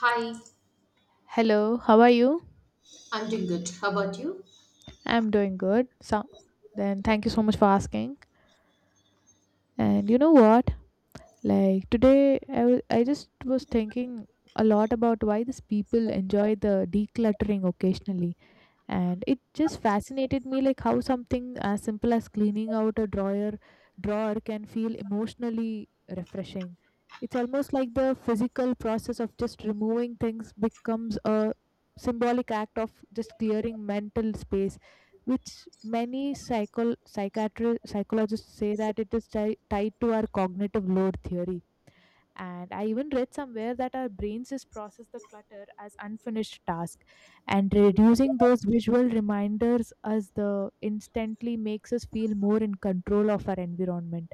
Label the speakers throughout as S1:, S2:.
S1: Hi,
S2: Hello, how are you?
S1: I'm doing good. How about you?
S2: I'm doing good. So then thank you so much for asking. And you know what? Like today I just was thinking a lot about why these people enjoy the decluttering occasionally. And it just fascinated me like how something as simple as cleaning out a drawer can feel emotionally refreshing. It's almost like the physical process of just removing things becomes a symbolic act of just clearing mental space, which many psychologists say that it is tied to our cognitive load theory. And I even read somewhere that our brains just process the clutter as unfinished task, and reducing those visual reminders as the instantly makes us feel more in control of our environment.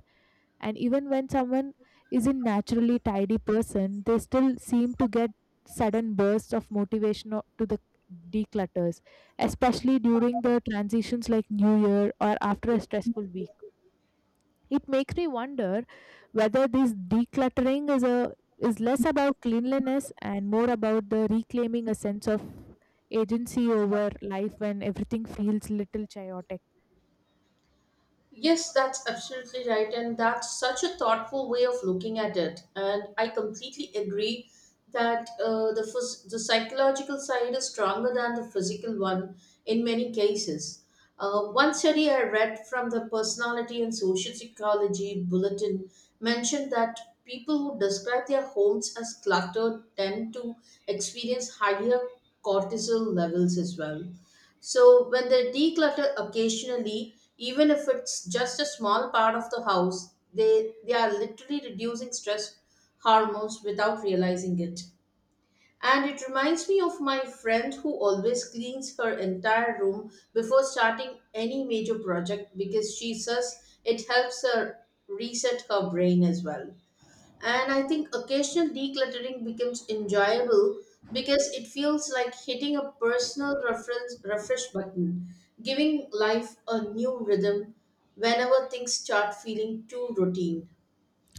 S2: And even when someone is a naturally tidy person, they still seem to get sudden bursts of motivation to the declutters, especially during the transitions like new year or after a stressful week. It makes me wonder whether this decluttering is less about cleanliness and more about the reclaiming a sense of agency over life when everything feels little chaotic.
S1: Yes, that's absolutely right. And that's such a thoughtful way of looking at it. And I completely agree that the psychological side is stronger than the physical one in many cases. One study I read from the Personality and Social Psychology Bulletin mentioned that people who describe their homes as cluttered tend to experience higher cortisol levels as well. So, when they declutter occasionally, even if it's just a small part of the house, they are literally reducing stress hormones without realizing it. And it reminds me of my friend who always cleans her entire room before starting any major project because she says it helps her reset her brain as well. And I think occasional decluttering becomes enjoyable because it feels like hitting a personal reference refresh button, giving life a new rhythm whenever things start feeling too routine.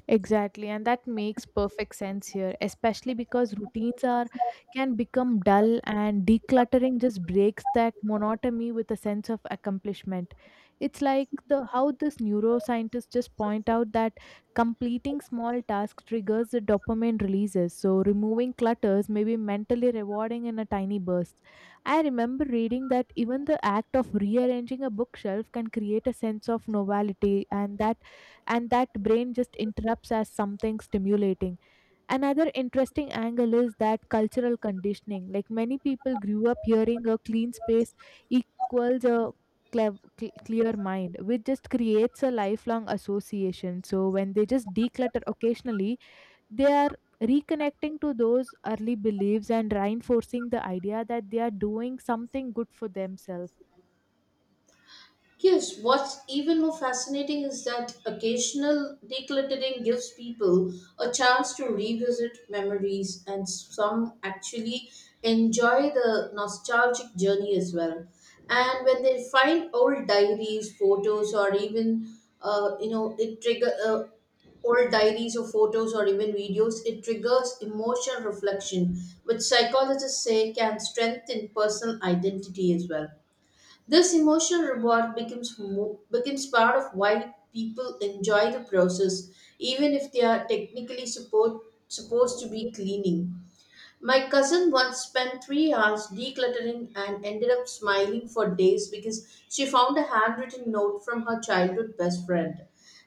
S2: Exactly, and that makes perfect sense here, especially because routines are can become dull and decluttering just breaks that monotony with a sense of accomplishment. It's like the how this neuroscientists just point out that completing small tasks triggers the dopamine releases. So removing clutters may be mentally rewarding in a tiny burst. I remember reading that even the act of rearranging a bookshelf can create a sense of novelty, and that brain just interrupts as something stimulating. Another interesting angle is that cultural conditioning, like many people grew up hearing a clean space equals a clear mind, which just creates a lifelong association. So when they just declutter occasionally, they are reconnecting to those early beliefs and reinforcing the idea that they are doing something good for themselves.
S1: Yes, what's even more fascinating is that occasional decluttering gives people a chance to revisit memories, and some actually enjoy the nostalgic journey as well. And when they find old diaries, photos, or even it trigger old diaries or photos or even videos, it triggers emotional reflection, which psychologists say can strengthen personal identity as well. This emotional reward becomes part of why people enjoy the process, even if they are technically supposed to be cleaning. My cousin once spent 3 hours decluttering and ended up smiling for days because she found a handwritten note from her childhood best friend.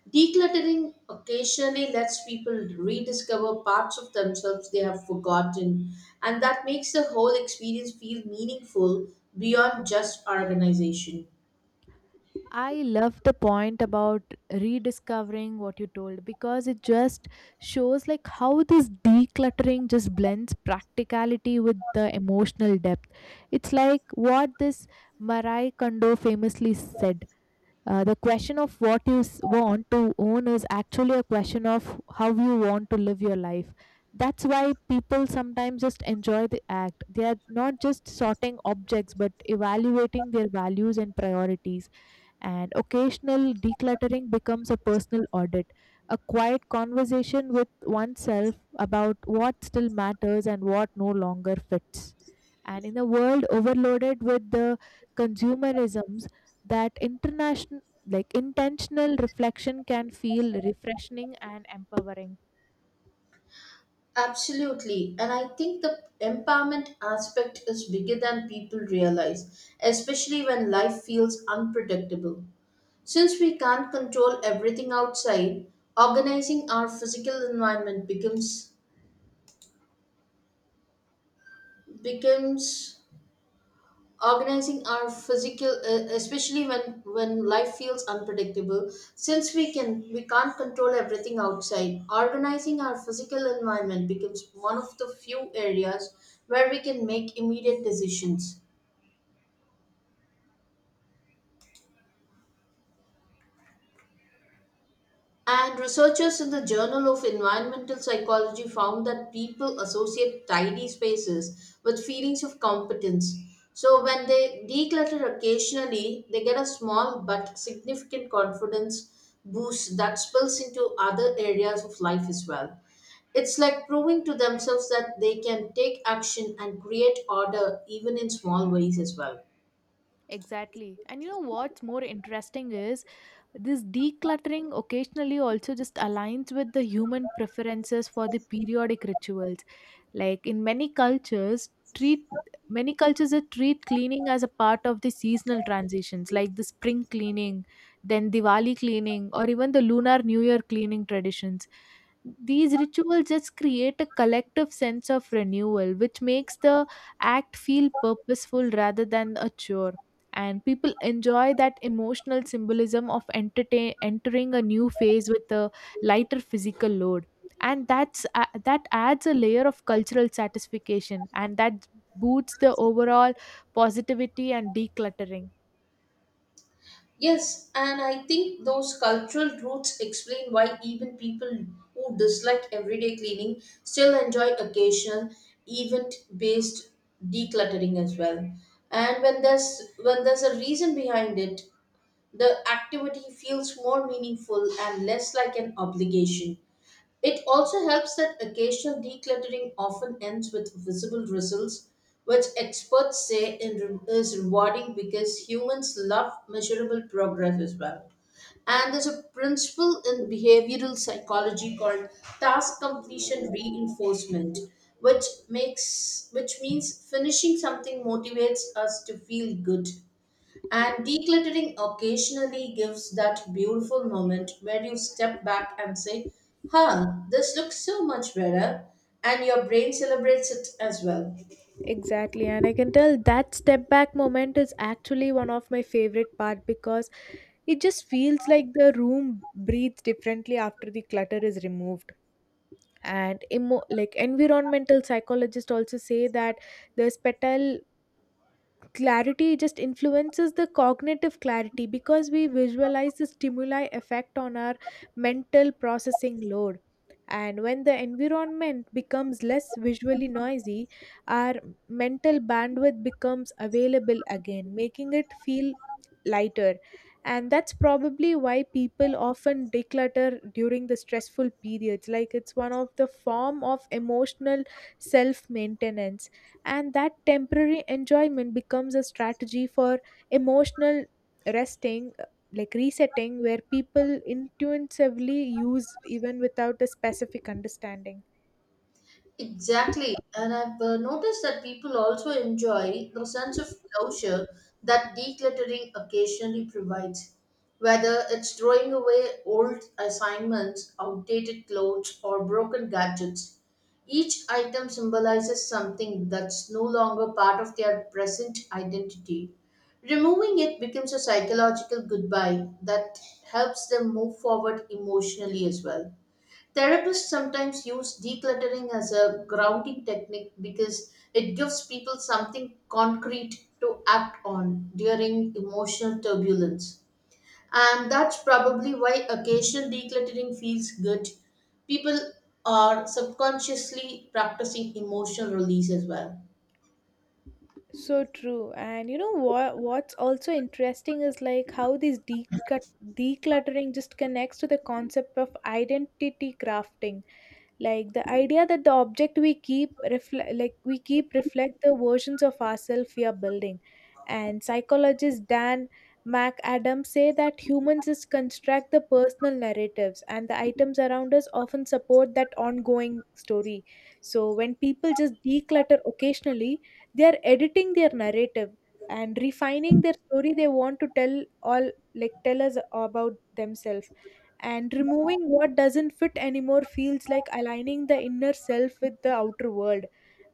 S1: Decluttering occasionally lets people rediscover parts of themselves they have forgotten, and that makes the whole experience feel meaningful beyond just organization.
S2: I love the point about rediscovering what you told, because it just shows like how this decluttering just blends practicality with the emotional depth. It's like what this Marai Kondo famously said. The question of what want to own is actually a question of how you want to live your life. That's why people sometimes just enjoy the act. They are not just sorting objects but evaluating their values and priorities, and occasional decluttering becomes a personal audit, a quiet conversation with oneself about what still matters and what no longer fits. And in a world overloaded with the consumerisms, that international like intentional reflection can feel refreshing and empowering.
S1: Absolutely. And I think the empowerment aspect is bigger than people realize, especially when life feels unpredictable. Since we can't control everything outside, organizing our physical environment becomes organizing our physical especially when life feels unpredictable, since we can't control everything outside, organizing our physical environment becomes one of the few areas where we can make immediate decisions. And researchers in the Journal of Environmental Psychology found that people associate tidy spaces with feelings of competence. So when they declutter occasionally, they get a small but significant confidence boost that spills into other areas of life as well. It's like proving to themselves that they can take action and create order even in small ways as well.
S2: Exactly. And you know what's more interesting is this decluttering occasionally also just aligns with the human preferences for the periodic rituals, like in many cultures treat many cultures that treat cleaning as a part of the seasonal transitions, like the spring cleaning, then Diwali cleaning, or even the Lunar New Year cleaning traditions. These rituals just create a collective sense of renewal, which makes the act feel purposeful rather than a chore. And people enjoy that emotional symbolism of entertain entering a new phase with a lighter physical load. And that's that adds a layer of cultural satisfaction, and that boosts the overall positivity and decluttering.
S1: Yes, and I think those cultural roots explain why even people who dislike everyday cleaning still enjoy occasional event-based decluttering as well. And when there's a reason behind it, the activity feels more meaningful and less like an obligation. It also helps that occasional decluttering often ends with visible results, which experts say in is rewarding because humans love measurable progress as well. And there's a principle in behavioral psychology called task completion reinforcement, which means finishing something motivates us to feel good. And decluttering occasionally gives that beautiful moment where you step back and say, "Huh, this looks so much better." And your brain celebrates it as well.
S2: Exactly, and I can tell that step back moment is actually one of my favorite part, because it just feels like the room breathes differently after the clutter is removed. And like environmental psychologists also say that the spatial clarity just influences the cognitive clarity, because we visualize the stimuli effect on our mental processing load. And when the environment becomes less visually noisy, our mental bandwidth becomes available again, making it feel lighter. And that's probably why people often declutter during the stressful periods, like it's one of the form of emotional self maintenance. And that temporary enjoyment becomes a strategy for emotional resting like resetting, where people intuitively use even without a specific understanding.
S1: Exactly, and I've noticed that people also enjoy the sense of closure that decluttering occasionally provides. Whether it's throwing away old assignments, outdated clothes, or broken gadgets, each item symbolizes something that's no longer part of their present identity. Removing it becomes a psychological goodbye that helps them move forward emotionally as well. Therapists sometimes use decluttering as a grounding technique because it gives people something concrete to act on during emotional turbulence. And that's probably why occasional decluttering feels good. People are subconsciously practicing emotional release as well.
S2: So true, and you know what, what's also interesting is like how this decluttering just connects to the concept of identity crafting, like the idea that the object we keep reflect the versions of ourselves we are building. And psychologist Dan McAdams say that humans just construct the personal narratives, and the items around us often support that ongoing story. So when people just declutter occasionally, they are editing their narrative and refining their story they want to tell all, like tell us about themselves. And removing what doesn't fit anymore feels like aligning the inner self with the outer world,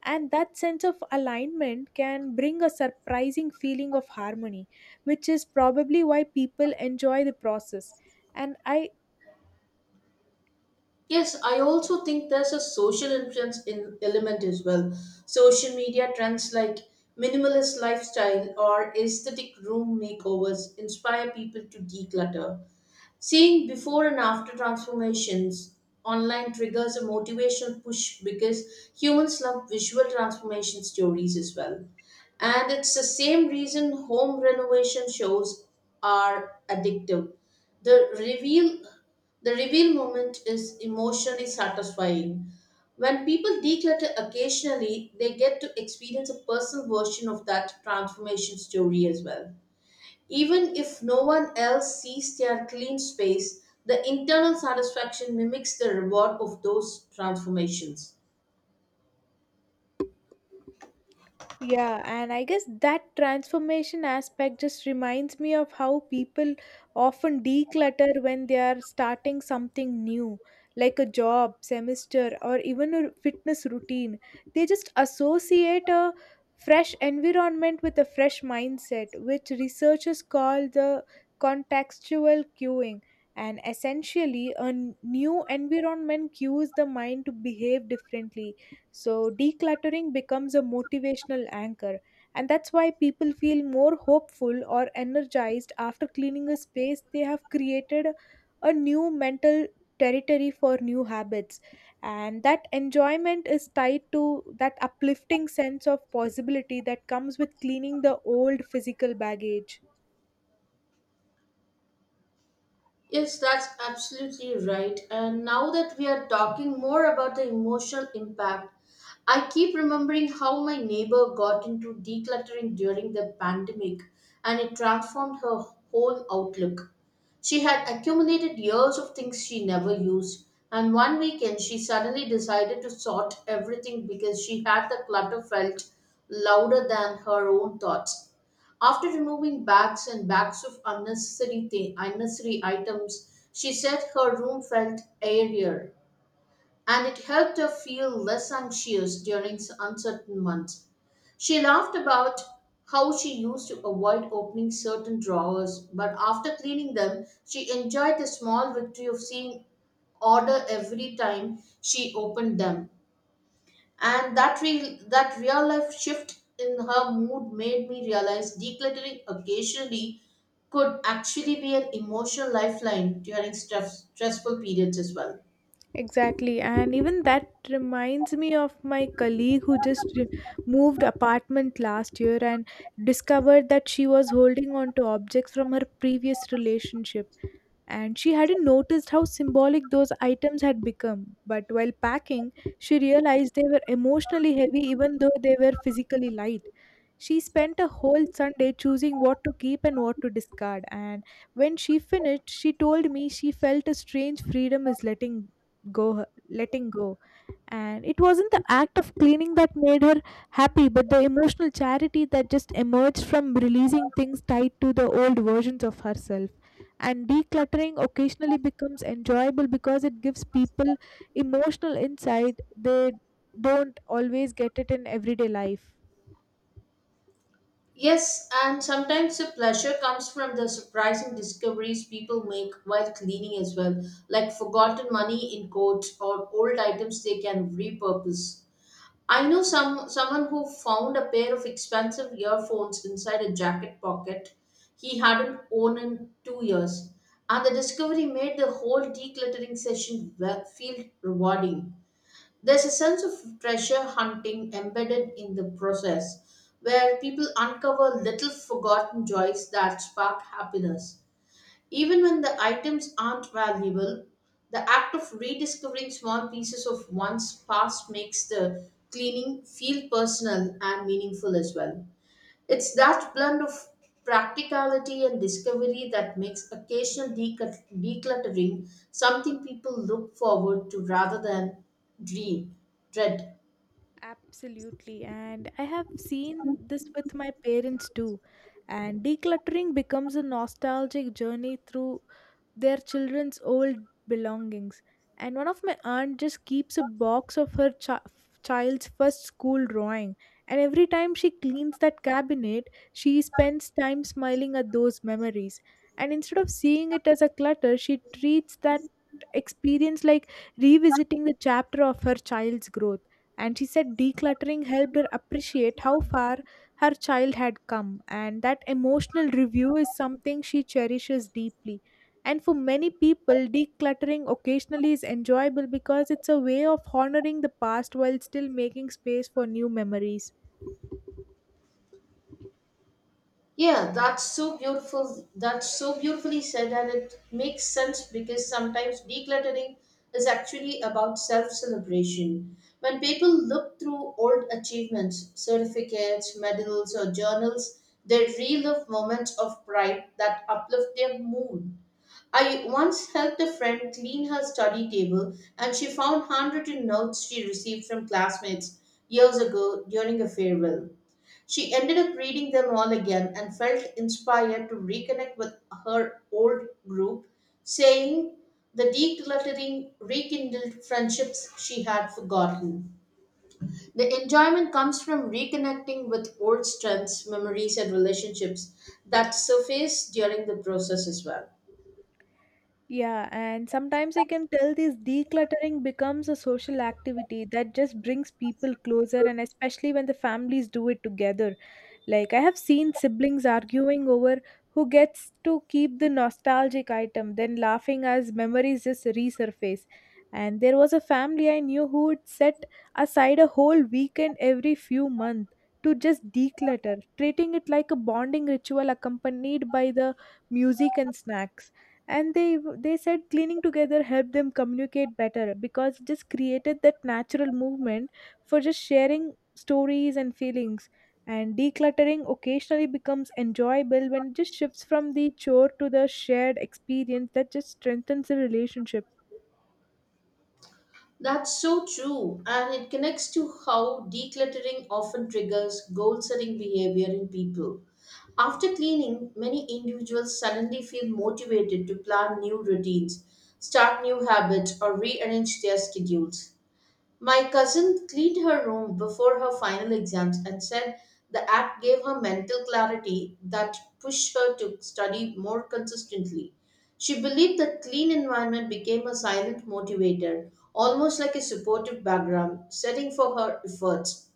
S2: and that sense of alignment can bring a surprising feeling of harmony, which is probably why people enjoy the process. And I.
S1: Yes, I also think there's a social influence in element as well. Social media trends like minimalist lifestyle or aesthetic room makeovers inspire people to declutter. Seeing before and after transformations online triggers a motivational push because humans love visual transformation stories as well. And it's the same reason home renovation shows are addictive. The reveal the reveal moment is emotionally satisfying. When people declutter occasionally, they get to experience a personal version of that transformation story as well. Even if no one else sees their clean space, the internal satisfaction mimics the reward of those transformations.
S2: Yeah, and I guess that transformation aspect just reminds me of how people often declutter when they are starting something new, like a job, semester, or even a fitness routine. They just associate a fresh environment with a fresh mindset, which researchers call the contextual cueing. And essentially, a new environment cues the mind to behave differently. So, decluttering becomes a motivational anchor, and that's why people feel more hopeful or energized after cleaning a space they have created a new mental territory for new habits. And that enjoyment is tied to that uplifting sense of possibility that comes with cleaning the old physical baggage.
S1: Yes, that's absolutely right. And now that we are talking more about the emotional impact, I keep remembering how my neighbor got into decluttering during the pandemic, and it transformed her whole outlook. She had accumulated years of things she never used, and one weekend she suddenly decided to sort everything because she had the clutter felt louder than her own thoughts. After removing bags and bags of unnecessary items, she said her room felt airier, and it helped her feel less anxious during uncertain months. She laughed about how she used to avoid opening certain drawers, but after cleaning them, she enjoyed the small victory of seeing order every time she opened them. And that real life shift in her mood made me realize decluttering occasionally could actually be an emotional lifeline during stressful periods as well.
S2: Exactly, and even that reminds me of my colleague who just moved apartment last year and discovered that she was holding on to objects from her previous relationship, and she hadn't noticed how symbolic those items had become. But while packing, she realized they were emotionally heavy even though they were physically light. She spent a whole Sunday choosing what to keep and what to discard, and when she finished, she told me she felt a strange freedom is letting go. And it wasn't the act of cleaning that made her happy, but the emotional charity that just emerged from releasing things tied to the old versions of herself. And decluttering occasionally becomes enjoyable because it gives people emotional insight they don't always get it in everyday life.
S1: Yes, and sometimes the pleasure comes from the surprising discoveries people make while cleaning as well, like forgotten money in coats or old items they can repurpose. I know someone who found a pair of expensive earphones inside a jacket pocket he hadn't worn in 2 years, and the discovery made the whole decluttering session feel rewarding. There's a sense of treasure hunting embedded in the process, where people uncover little forgotten joys that spark happiness. Even when the items aren't valuable, the act of rediscovering small pieces of one's past makes the cleaning feel personal and meaningful as well. It's that blend of practicality and discovery that makes occasional decluttering something people look forward to rather than dread. dread.
S2: Absolutely. And I have seen this with my parents too. And decluttering becomes a nostalgic journey through their children's old belongings. And one of my aunt just keeps a box of her child's first school drawing. And every time she cleans that cabinet, she spends time smiling at those memories. And instead of seeing it as a clutter, she treats that experience like revisiting the chapter of her child's growth. And she said decluttering helped her appreciate how far her child had come, and that emotional review is something she cherishes deeply. And for many people, decluttering occasionally is enjoyable because it's a way of honoring the past while still making space for new memories.
S1: Yeah, that's so beautiful. That's so beautifully said, and it makes sense because sometimes decluttering is actually about self celebration. When people look through old achievements, certificates, medals, or journals, they relive moments of pride that uplift their mood. I once helped a friend clean her study table, and she found handwritten notes she received from classmates years ago during a farewell. She ended up reading them all again and felt inspired to reconnect with her old group, saying the decluttering rekindled friendships she had forgotten. The enjoyment comes from reconnecting with old strengths, memories, and relationships that surface during the process as well.
S2: Yeah, and sometimes I can tell this decluttering becomes a social activity that just brings people closer, and especially when the families do it together. Like, I have seen siblings arguing over who gets to keep the nostalgic item, then laughing as memories just resurface. And there was a family I knew who would set aside a whole weekend every few months to just declutter, treating it like a bonding ritual accompanied by the music and snacks. And they said cleaning together helped them communicate better, because it just created that natural movement for just sharing stories and feelings. And decluttering occasionally becomes enjoyable when it just shifts from the chore to the shared experience that just strengthens the relationship.
S1: That's so true, and it connects to how decluttering often triggers goal setting behavior in people. After cleaning, many individuals suddenly feel motivated to plan new routines, start new habits, or rearrange their schedules. My cousin cleaned her room before her final exams and said the act gave her mental clarity that pushed her to study more consistently. She believed that clean environment became a silent motivator, almost like a supportive background setting for her efforts.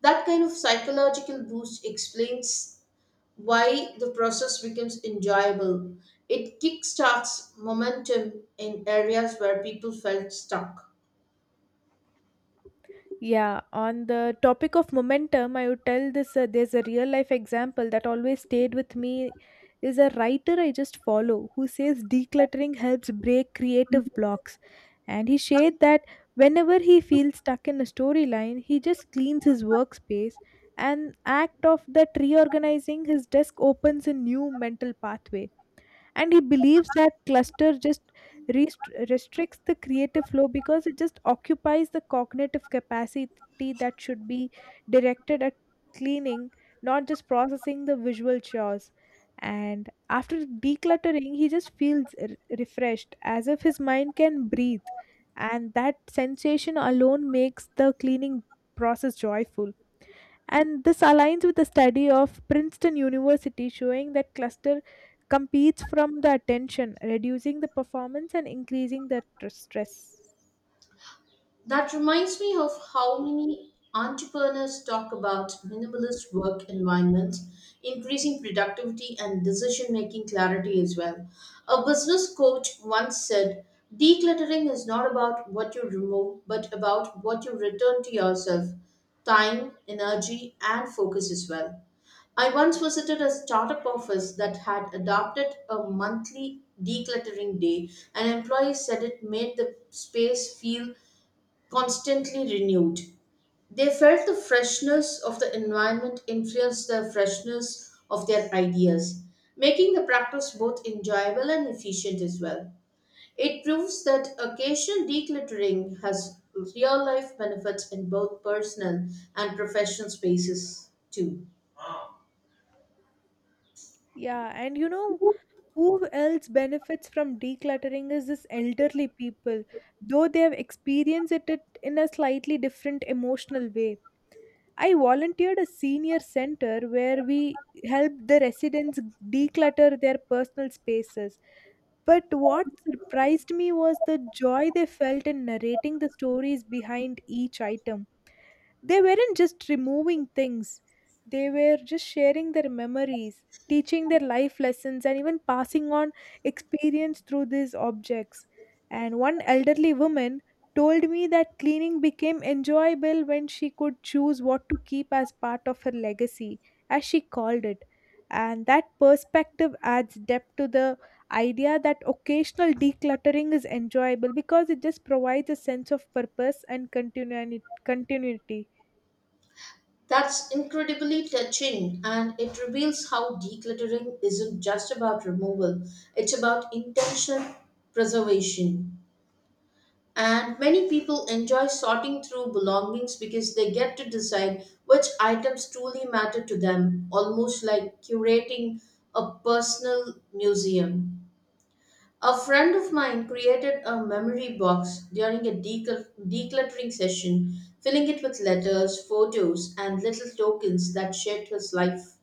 S1: That kind of psychological boost explains why the process becomes enjoyable. It kickstarts momentum in areas where people felt stuck.
S2: Yeah, on the topic of momentum, I would tell this there's a real life example that always stayed with me is a writer I just follow who says decluttering helps break creative blocks. And he shared that whenever he feels stuck in a storyline, he just cleans his workspace, and act of that reorganizing his desk opens a new mental pathway. And he believes that cluster just restricts the creative flow, because it just occupies the cognitive capacity that should be directed at cleaning, not just processing the visual chores. And after decluttering, he just feels refreshed, as if his mind can breathe, and that sensation alone makes the cleaning process joyful. And this aligns with a study of Princeton University showing that cluster competes from the attention, reducing the performance and increasing the stress.
S1: That reminds me of how many entrepreneurs talk about minimalist work environments, increasing productivity and decision making clarity as well. A business coach once said, "Decluttering is not about what you remove, but about what you return to yourself: time, energy, and focus as well." I once visited a startup office that had adopted a monthly decluttering day, and employees said it made the space feel constantly renewed. They felt the freshness of the environment influenced the freshness of their ideas, making the practice both enjoyable and efficient as well. It proves that occasional decluttering has real life benefits in both personal and professional spaces, too.
S2: Yeah, and you know who else benefits from decluttering is this elderly people, though they have experienced it in a slightly different emotional way. I volunteered a senior center where we helped the residents declutter their personal spaces. But what surprised me was the joy they felt in narrating the stories behind each item. They weren't just removing things, they were just sharing their memories, teaching their life lessons, and even passing on experience through these objects. And one elderly woman told me that cleaning became enjoyable when she could choose what to keep as part of her legacy, as she called it. And that perspective adds depth to the idea that occasional decluttering is enjoyable because it just provides a sense of purpose and continuity.
S1: That's incredibly touching, and it reveals how decluttering isn't just about removal, it's about intentional preservation. And many people enjoy sorting through belongings because they get to decide which items truly matter to them, almost like curating a personal museum. A friend of mine created a memory box during a decluttering session, filling it with letters, photos, and little tokens that shaped his life.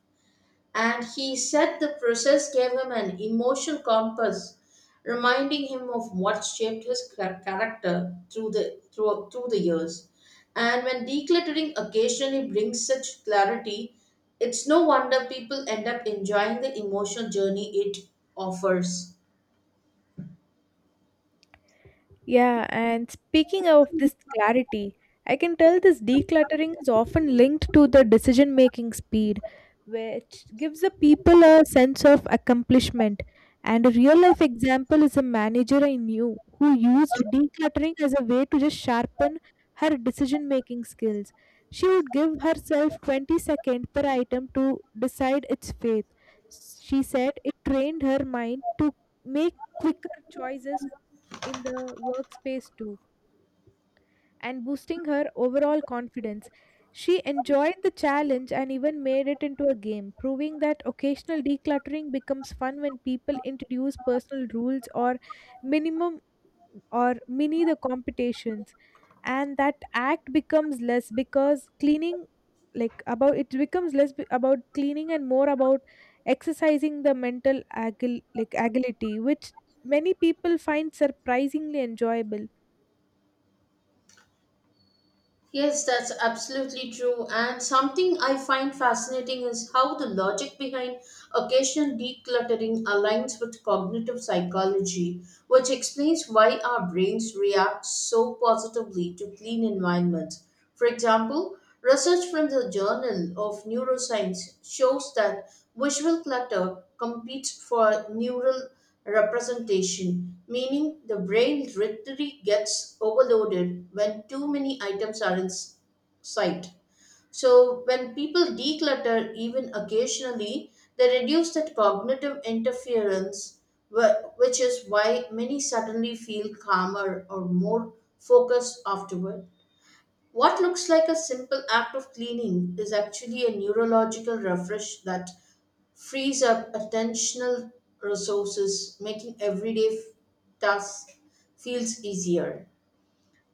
S1: And he said the process gave him an emotional compass, reminding him of what shaped his character through the years. And when decluttering occasionally brings such clarity, it's no wonder people end up enjoying the emotional journey it offers.
S2: Yeah, and speaking of this clarity, I can tell this decluttering is often linked to the decision making speed, which gives the people a sense of accomplishment. And a real life example is a manager I knew who used decluttering as a way to just sharpen her decision making skills. She would give herself 20 seconds per item to decide its fate. She said it trained her mind to make quicker choices in the workspace too and boosting her overall confidence. She enjoyed the challenge and even made it into a game, proving that occasional decluttering becomes fun when people introduce personal rules or minimum or mini the competitions, and that act becomes less because cleaning like about it becomes less about cleaning and more about exercising the mental agility, which many people find surprisingly enjoyable.
S1: Yes, that's absolutely true. And something I find fascinating is how the logic behind occasional decluttering aligns with cognitive psychology, which explains why our brains react so positively to clean environments. For example, research from the Journal of Neuroscience shows that visual clutter competes for neural representation, meaning the brain literally gets overloaded when too many items are in sight. So, when people declutter even occasionally, they reduce that cognitive interference, which is why many suddenly feel calmer or more focused afterward. What looks like a simple act of cleaning is actually a neurological refresh that frees up attentional resources, making everyday tasks feels easier.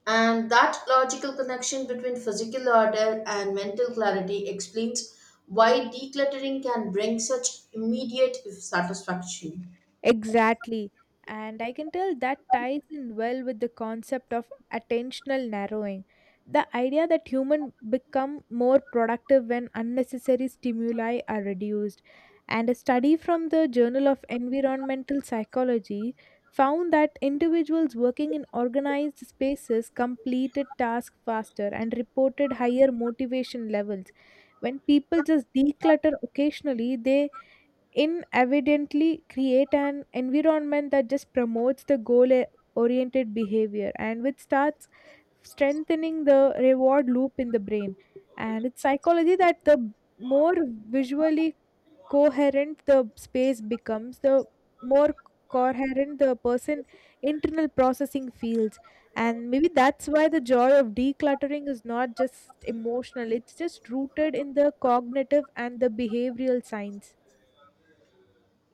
S1: And that logical connection between physical order and mental clarity explains why decluttering can bring such immediate satisfaction.
S2: Exactly. And I can tell that ties in well with the concept of attentional narrowing. The idea that humans become more productive when unnecessary stimuli are reduced. And a study from the Journal of Environmental Psychology found that individuals working in organized spaces completed tasks faster and reported higher motivation levels. When people just declutter occasionally, they inadvertently create an environment that just promotes the goal oriented behavior, and which starts strengthening the reward loop in the brain. And it's psychology that the more visually coherent the space becomes, the more coherent the person internal processing feels. And maybe that's why the joy of decluttering is not just emotional, it's just rooted in the cognitive and the behavioral science.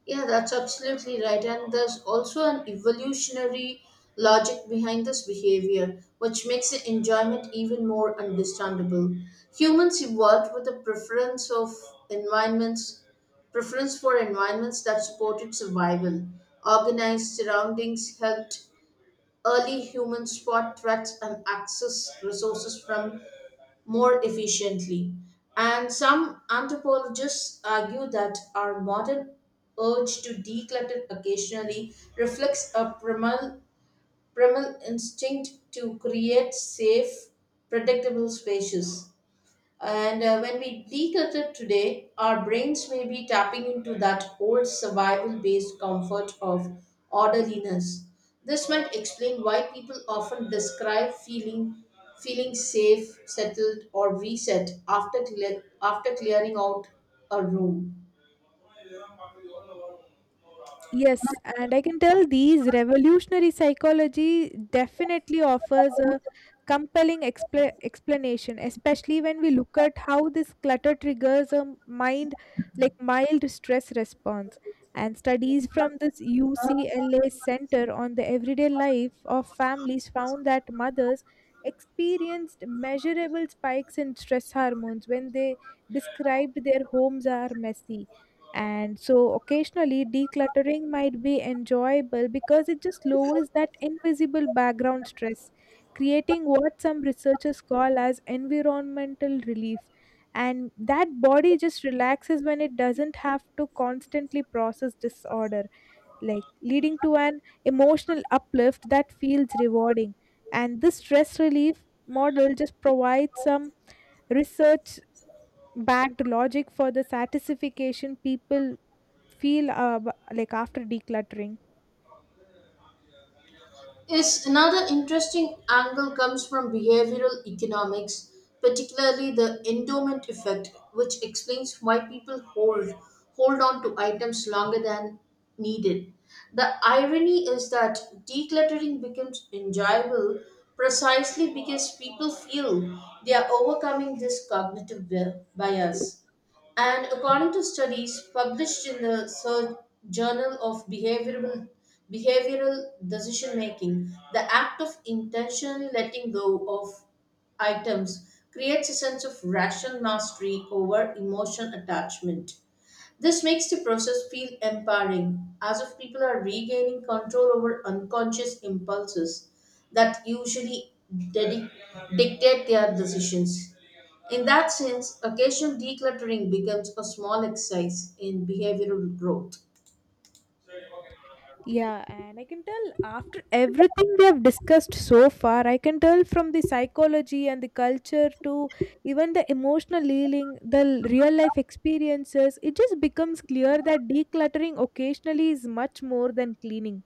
S1: Yeah, that's absolutely right. And there's also an evolutionary logic behind this behavior, which makes the enjoyment even more understandable. Humans evolved with a environments, preference for environments that supported survival. Organized surroundings helped early humans spot threats and access resources from more efficiently. And some anthropologists argue that our modern urge to declutter occasionally reflects a primal instinct to create safe, predictable spaces. And when we declutter today, our brains may be tapping into that old survival based comfort of orderliness. This might explain why people often describe feeling safe, settled, or reset after clearing out a room.
S2: Yes, and I can tell these revolutionary psychology definitely offers a compelling explanation, especially when we look at how this clutter triggers a mind like mild stress response. And studies from this UCLA Center on the Everyday Life of Families found that mothers experienced measurable spikes in stress hormones when they described their homes are messy, and so occasionally decluttering might be enjoyable because it just lowers that invisible background stress, creating what some researchers call as environmental relief. And that body just relaxes when it doesn't have to constantly process disorder, like leading to an emotional uplift that feels rewarding. And this stress relief model just provides some research backed logic for the satisfaction people feel after decluttering.
S1: Yes, another interesting angle comes from behavioral economics, particularly the endowment effect, which explains why people hold on to items longer than needed. The irony is that decluttering becomes enjoyable precisely because people feel they are overcoming this cognitive bias. And according to studies published in the Journal of Behavioral Decision Making, the act of intentionally letting go of items creates a sense of rational mastery over emotional attachment. This makes the process feel empowering, as if people are regaining control over unconscious impulses that usually dedi- dictate their decisions. In that sense, occasional decluttering becomes a small exercise in behavioral growth.
S2: Yeah, and I can tell after everything we have discussed so far, I can tell from the psychology and the culture to even the emotional healing, the real life experiences, it just becomes clear that decluttering occasionally is much more than cleaning.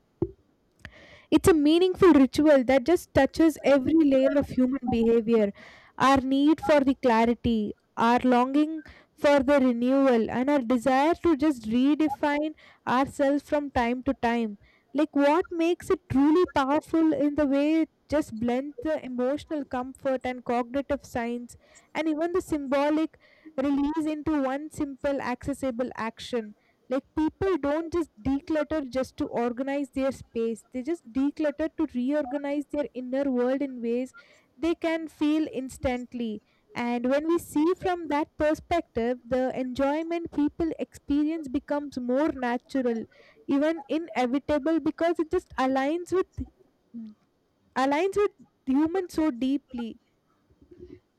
S2: It's a meaningful ritual that just touches every layer of human behavior, our need for the clarity, our longing for the renewal, and our desire to just redefine ourselves from time to time. Like, what makes it truly powerful in the way it just blends the emotional comfort and cognitive science and even the symbolic release into one simple, accessible action. Like people don't just declutter just to organize their space. They just declutter to reorganize their inner world in ways they can feel instantly. And when we see from that perspective, the enjoyment people experience becomes more natural, even inevitable, because it just aligns with humans so deeply.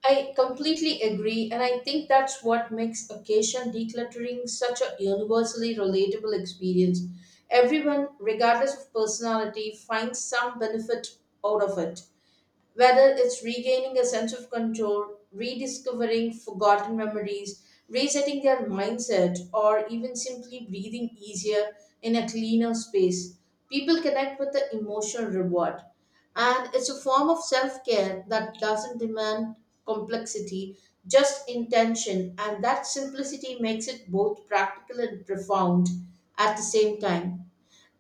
S1: I completely agree, and I think that's what makes occasional decluttering such a universally relatable experience. Everyone, regardless of personality, finds some benefit out of it, whether it's regaining a sense of control, rediscovering forgotten memories, resetting their mindset, or even simply breathing easier in a cleaner space. People connect with the emotional reward. And it's a form of self care that doesn't demand complexity, just intention. And that simplicity makes it both practical and profound at the same time.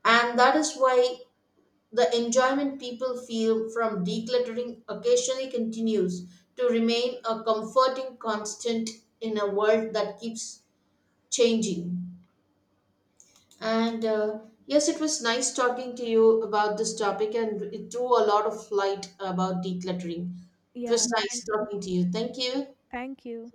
S1: And that is why the enjoyment people feel from decluttering occasionally continues to remain a comforting constant in a world that keeps changing. And yes, it was nice talking to you about this topic, and it threw a lot of light about decluttering. It
S2: yeah,
S1: was
S2: th-
S1: nice talking to you. Thank you.
S2: Thank you.